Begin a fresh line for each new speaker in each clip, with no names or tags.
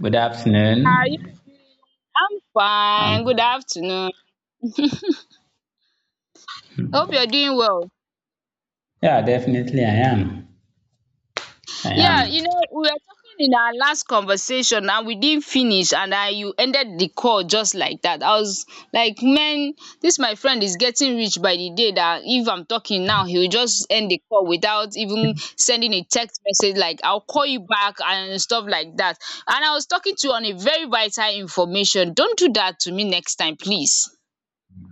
Good
Are you?
afternoon.
I'm fine. Good
Um,
afternoon. Hope you're doing well.
yeah, definitely I am. I
Yeah,
am.
you know, we were talking in our last conversation and we didn't finish, and I you ended the call just like that. I was like, man, this my friend is getting rich by the day that if I'm talking now, he will just end the call without even sending a text message like I'll call you back and stuff like that. And I was talking to you on a very vital information. Don't do that to me next time, please.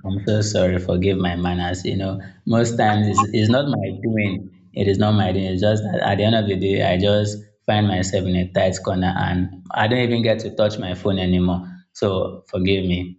I'm so sorry. Forgive my manners. You know, most times it's not my doing. It is not my doing. It's just that at the end of the day, I just find myself in a tight corner and I don't even get to touch my phone anymore. So forgive me.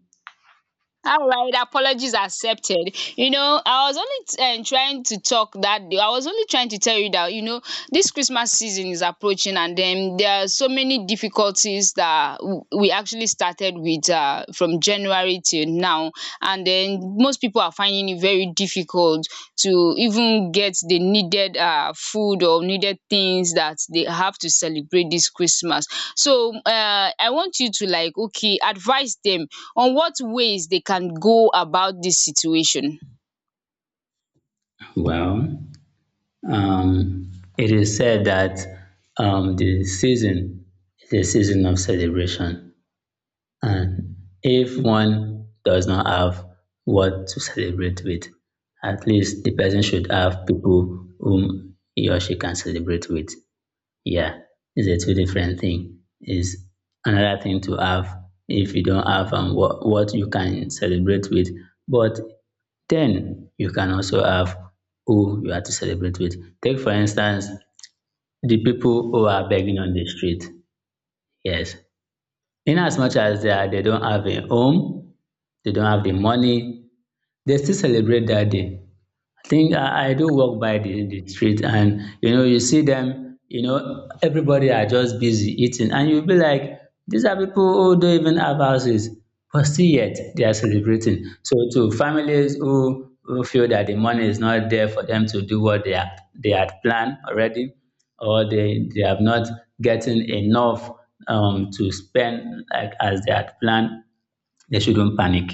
All right, apologies accepted. You know, I was only trying to talk that day. I was only trying to tell you that, you know, this Christmas season is approaching and then there are so many difficulties that we actually started with from January till now. And then most people are finding very difficult to even get the needed food or needed things that they have to celebrate this Christmas. So I want you to like okay advise them on what ways they can go about this situation.
Well, it is said that the season is a season of celebration. And if one does not have what to celebrate with, at least the person should have people whom he or she can celebrate with. Yeah, it's a two different thing. Is another thing to have if you don't have what you can celebrate with. But then you can also have who you are to celebrate with. Take for instance the people who are begging on the street. Yes, in as much as they are, they don't have a home, they don't have the money. They still celebrate that day. I think I do walk by the street and you know you see them, you know, everybody are just busy eating and you'll be like, these are people who don't even have houses, but still yet they are celebrating. So to families who feel that the money is not there for them to do what they had planned already, or they have not gotten enough to spend like as they had planned, they shouldn't panic.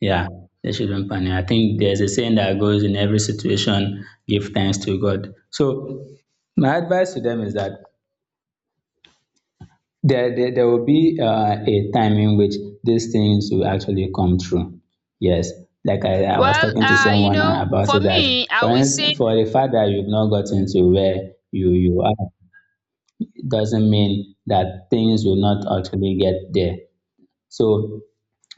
Yeah, they shouldn't panic. I think there's a saying that goes in every situation, give thanks to God. So my advice to them is that there will be a time in which these things will actually come true. Yes, like I was
Well,
talking to
you
someone
know,
about
for
it that,
me I
for
will say.
instance, for the fact that you've not gotten to where you are, it doesn't mean that things will not actually get there. So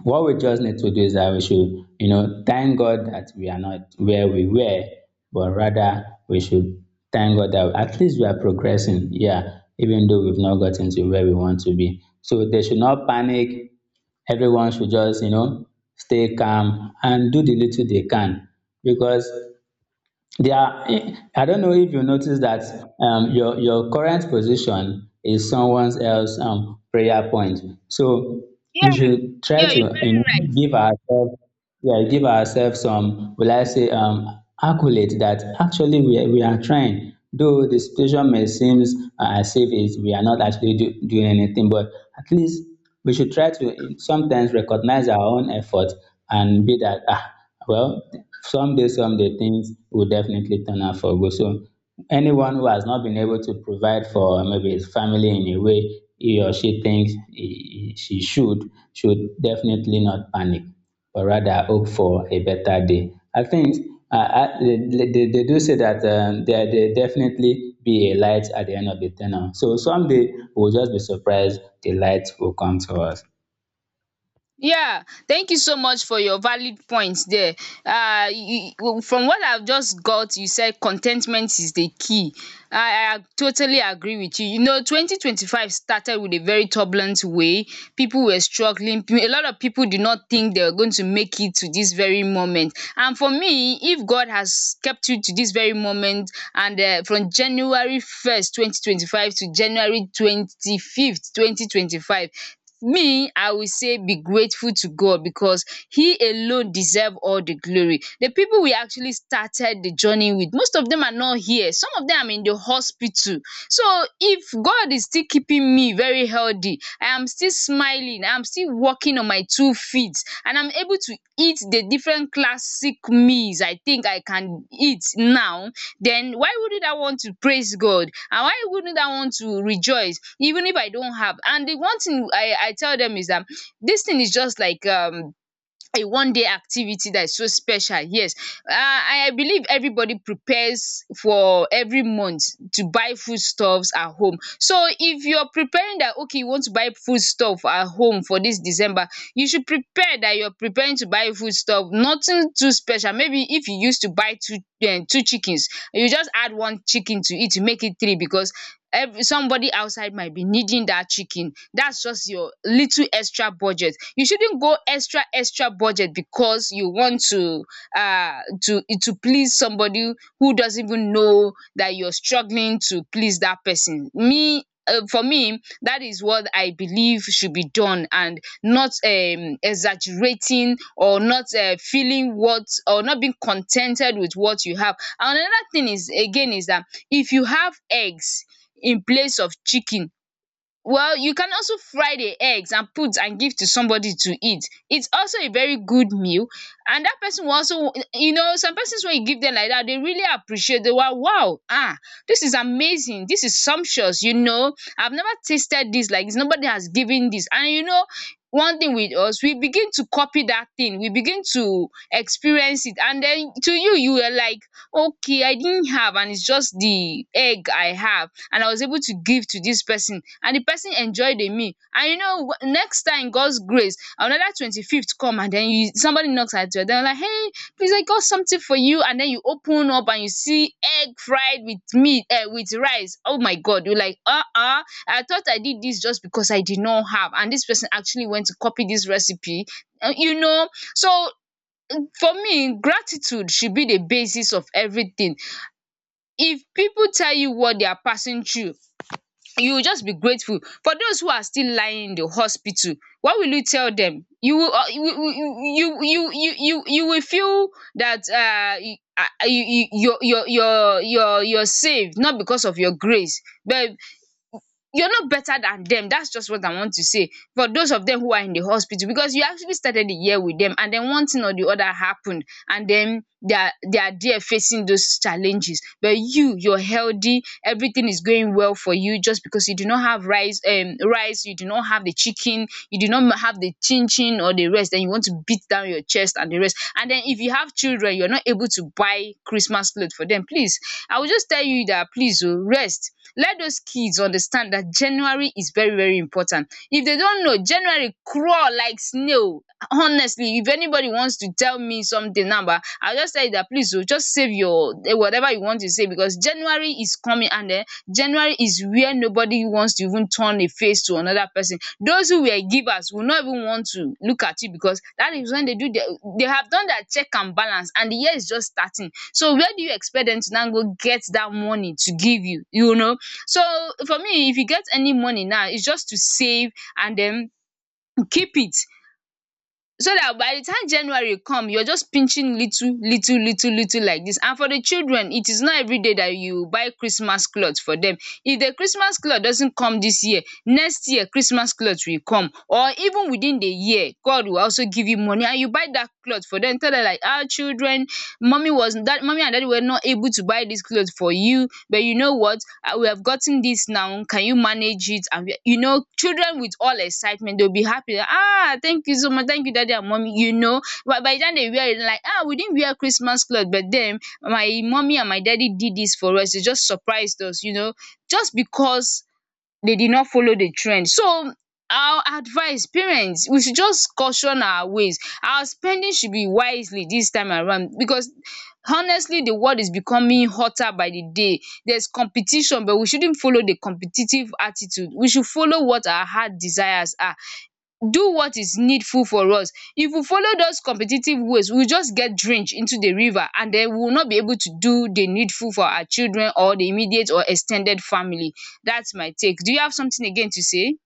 what we just need to do is that we should, you know, thank God that we are not where we were, but rather we should thank God that at least we are progressing. Yeah, even though we've not gotten to where we want to be. So they should not panic. Everyone should just, you know, stay calm and do the little they can because they are, I don't know if you notice that your current position is someone else's prayer point. So we
Yeah,
should try
yeah, you're
to, you
very
know,
right.
give ourselves, yeah, give ourselves some, will I say, accolade that actually we are trying. Though the situation may seem as if it's, we are not actually doing anything, but at least we should try to sometimes recognize our own effort and be that ah, well, someday, someday things will definitely turn out for good. So anyone who has not been able to provide for maybe his family in a way he or she thinks she should definitely not panic or rather hope for a better day. I think they do say that there definitely be a light at the end of the tunnel. So someday we'll just be surprised the light will come to us.
Yeah, thank you so much for your valid points there. From what I've just got, you said contentment is the key. I totally agree with you. You know, 2025 started with a very turbulent way. People were struggling. A lot of people did not think they were going to make it to this very moment. And for me, if God has kept you to this very moment, and from January 1st, 2025 to January 25th, 2025, me I will say be grateful to God because he alone deserve all the glory. The people we actually started the journey with, most of them are not here, some of them are in the hospital. So if God is still keeping me very healthy, I am still smiling, I am still walking on my two feet and I'm able to eat the different classic meals I think I can eat now, then why wouldn't I want to praise God and why wouldn't I want to rejoice even if I don't have? And the one thing I tell them is that this thing is just like a one day activity that is so special. Yes, I believe everybody prepares for every month to buy foodstuffs at home. So if you're preparing that, okay, you want to buy foodstuff at home for this December, you should prepare that you're preparing to buy foodstuff, nothing too special. Maybe if you used to buy two chickens, you just add one chicken to it to make it three, because every somebody outside might be needing that chicken. That's just your little extra budget. You shouldn't go extra extra budget because you want to to please somebody who doesn't even know that you're struggling to please that person. For me, that is what I believe should be done, and not exaggerating or not feeling what or not being contented with what you have. And another thing is again is that if you have eggs in place of chicken, well, you can also fry the eggs and put and give to somebody to eat. It's also a very good meal, and that person will also, you know, some persons, when you give them like that, they really appreciate. They were wow, ah, this is amazing, this is sumptuous, you know, I've never tasted this. Like dis, nobody has given this, and you know, one thing with us, we begin to copy that thing, we begin to experience it, and then to you you are like, okay, I didn't have, and it's just the egg I have, and I was able to give to this person, and the person enjoyed the meal. And you know, next time, god's grace, another 25th come, and then you, somebody knocks at your door like, hey, please, I got something for you. And then you open up and you see egg fried with meat, with rice. Oh my god, you're like, uh-uh, I thought I did this just because I did not have, and this person actually went to copy this recipe. You know, so for me gratitude should be the basis of everything. If people tell you what they are passing through, you will just be grateful. For those who are still lying in the hospital, what will you tell them? You will, you you you you you you will feel that you're saved not because of your grace, but you're not better than them. That's just what I want to say. For those of them who are in the hospital, because you actually started the year with them, and then one thing or the other happened, and then they are there facing those challenges. But you, you're healthy, everything is going well for you, just because you do not have rice, you do not have the chicken, you do not have the chin chin or the rest, then you want to beat down your chest and the rest. And then if you have children, you're not able to buy Christmas clothes for them. Please, I will just tell you that please oh, rest, let those kids understand that January is very, very important. If they don't know, January crawl like snail. Honestly, if anybody wants to tell me something number, I'll just tell you that please oh, just save your whatever you want to say, because January is coming, and then January is where nobody wants to even turn a face to another person. Those who were givers will not even want to look at you, because that is when they have done their check and balance, and the year is just starting. So where do you expect them to now go get that money to give you? You know, so for me, if you get any money now, it's just to save and then keep it, so that by the time January come, you are just pinching little little little little like this. And for the children, it is not everyday that you buy Christmas cloth for them. If the Christmas cloth doesn't come this year, next year Christmas cloth will come, or even within the year God will also give you money and you buy that cloth for them. Tell them like, our children, mommy was that, mommy and daddy were not able to buy this clothes for you, but you know what, we have gotten this now, can you manage it? And we, you know, children with all excitement, they'll be happy like, ah, thank you so much, thank you daddy and mommy. You know, but by the time they wear it like, ah, we didn't wear Christmas clothes, but then my mommy and my daddy did this for us, they just surprised us, you know, just because they did not follow the trend. So, our advice, parents, we should just caution our ways. Our spending should be wisely this time around, because honestly the world is becoming hotter by the day. There's competition, but we shouldn't follow the competitive attitude. We should follow what our heart desires are. Do what is needful for us. If we follow those competitive ways, we will just get drenched into the river, and then we will not be able to do the needful for our children or the immediate or ex ten ded family. That's my take. Do you have something again to say?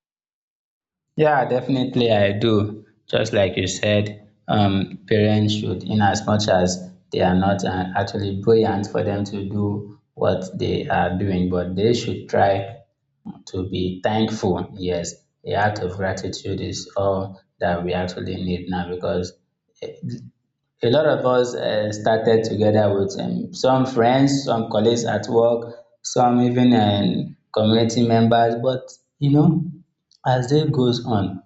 Yeah, definitely I do. Just like you said, parents should, in as much as they are not actually brilliant for them to do what they are doing, but they should try to be thankful. Yes, a act of gratitude is all that we actually need now because a lot of us started together with some friends, some colleagues at work, some even community members. But you know, as day goes on,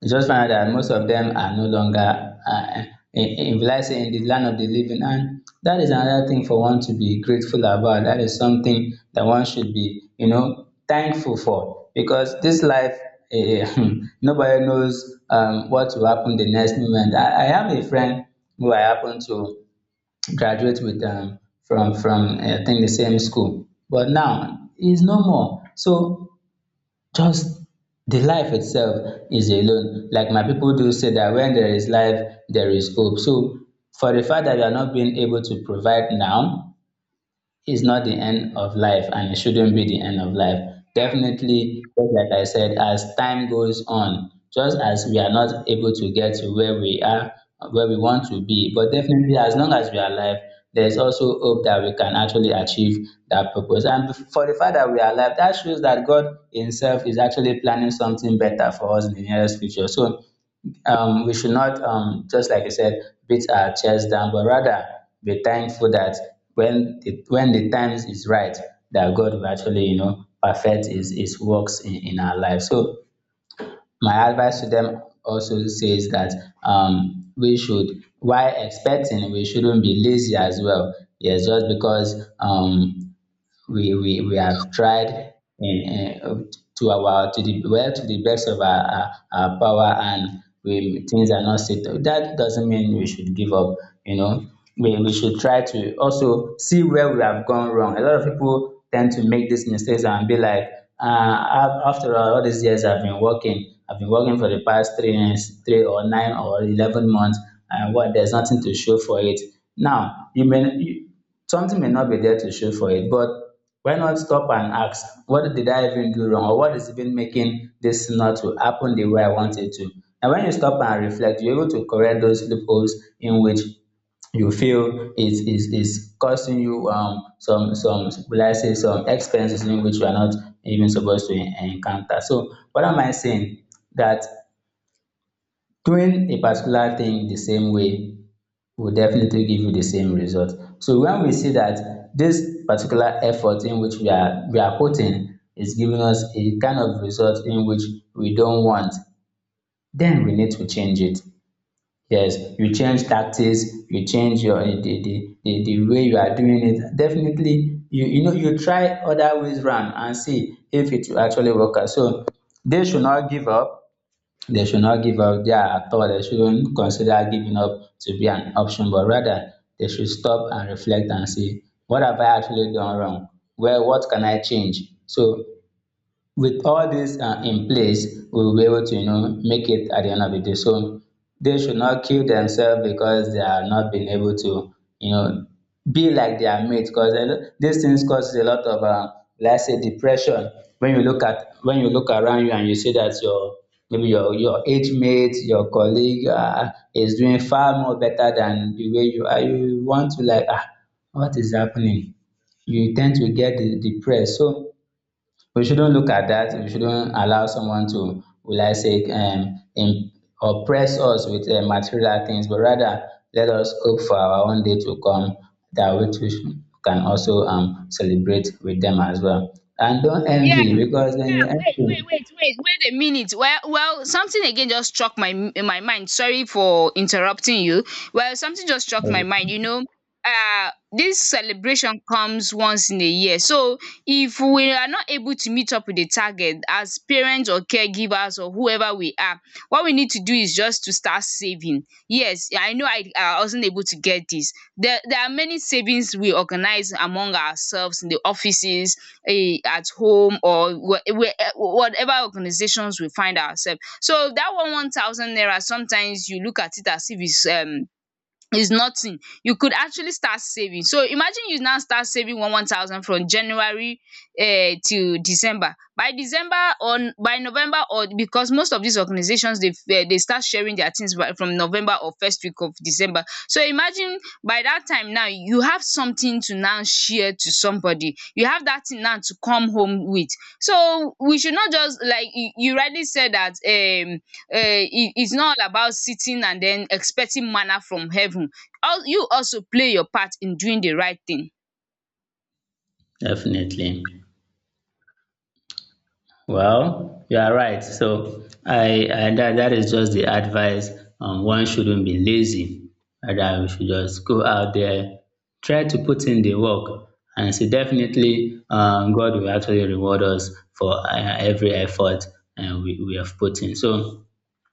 it's just find out that most of them are no longer will I say in the land of the living. And that is another thing for one to be grateful about. That is something that one should be, you know, thankful for because this life, eh, nobody knows what will happen the next moment. I have a friend who I happen to graduate with from eh, I think the same school, but now he's no more. So just the life itself is alone, like my people do say that when there is life there is hope. So for the fact that you are not being able to provide now is not the end of life and it shouldn't be the end of life. Definitely, just like I said, as time goes on, just as we are not able to get to where where we want to be, but definitely as long as we are alive, there's also hope that we can actually achieve that purpose. And for the fact that we are alive, that shows that God Himself is actually planning something better for us in the nearest future. So we should not, just like you said, beat our chest down, but rather be thankful that when the times is right, that God will actually, you know, perfect His works in our life. So my advice to them also says that we should, while expecting, we shouldn't be lazy as well. Yes, just because we have tried in, to our to the well to the best of our power and we things are not settled. That doesn't mean we should give up. You know, we should try to also see where we have gone wrong. A lot of people tend to make these mistakes and be like, uh, after all these years I've been working for the past 3 years, 3 or 9 or 11 months, and what there's nothing to show for it. Now you may something may not be there to show for it, but why not stop and ask, what did I even do wrong? Or what is even making this not to happen the way I want it to? And when you stop and reflect, you're able to correct those loopholes in which you feel is costing you some, will I say, some expenses in which you are not even supposed to encounter. So what am I saying? That doing a particular thing the same way will definitely give you the same result. So when we see that this particular effort in which we are putting is giving us a kind of result in which we don't want, then we need to change it. Yes, you change tactics, you change your the way you are doing it. Definitely, you know you try other ways round and see if it will actually work out. So they should not give up. They should not give up there at all. They shouldn't consider giving up to be an option, but rather they should stop and reflect and say, what have I actually done wrong? Where what can I change? So with all these in place, we will be able to, you know, make it at the end of the day. So they should not kill themselves because they are not being able to, you know, be like their mate. Because these things causes a lot of, let's say, depression. When you look at when you look around you and you see that your maybe your age mate, your colleague is doing far more better than the way you are, you want to like ah, what is happening? You tend to get depressed. So we shouldn't look at that. We shouldn't allow someone to, will I say, oppress us with material things, but rather let us hope for our own day to come that we too can also celebrate with them as well. And don't
Yeah, yeah,
envy because when
yeah. Wait,
you
wait, wait, wait, wait a minute. Well, something again just struck my mind. Sorry for interrupting you. Well, something just struck my
envy,
mind. You know, um dis celebration comes once in a year, so if we are not able to meet up with the target as parents or caregivers or whoever we are, what we need to do is just to start saving. Yes, I know, I wasn't able to get this, there are many savings we organize among ourselves in the offices, at home, or whatever organizations we find ourselves, so that one thousand naira, sometimes you look at it as if it's is nothing. You could actually start saving. So imagine you now start saving one thousand from January till December, by December, or by November, or because most of these organizations dey start sharing their things by from November or first week of December. So imagine by that time now you have something to now share to somebody, you have that thing now to come home with. So we should not, just like you rightly said that it's not all about sitting and then expecting manna from heaven. You also play your part in doing the right thing.
definitely. Well, you are right. So I that, that is just the advice. One shouldn't be lazy. Rather, we should just go out there, try to put in the work, and see definitely God will actually reward us for every effort and we have put in. So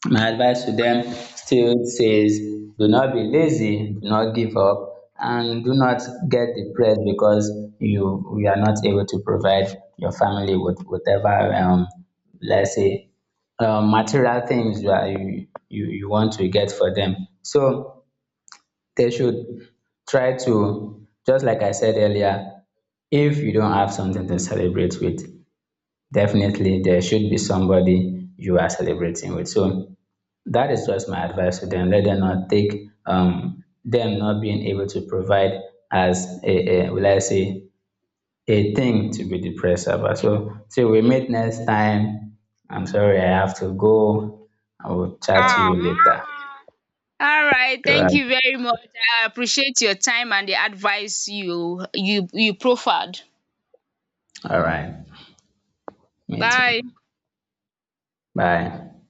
my advice to them still says do not be lazy, do not give up, and do not get depressed because you are not able to provide your family with whatever let's say material things you are you, you you want to get for them. So they should try to just like I said earlier, if you don't have something to celebrate with, definitely there should be somebody you are celebrating with. So that is just my advice to them. Let them not take them not being able to provide as a, will I say, a thing to be depressed about. So till we meet next time. I'm sorry I have to go. I will chat to
Ah.
you later.
All right.
All
Thank
right.
you very much. I appreciate your time and the advice you proffered.
All right. Me too.
Bye.
Bye.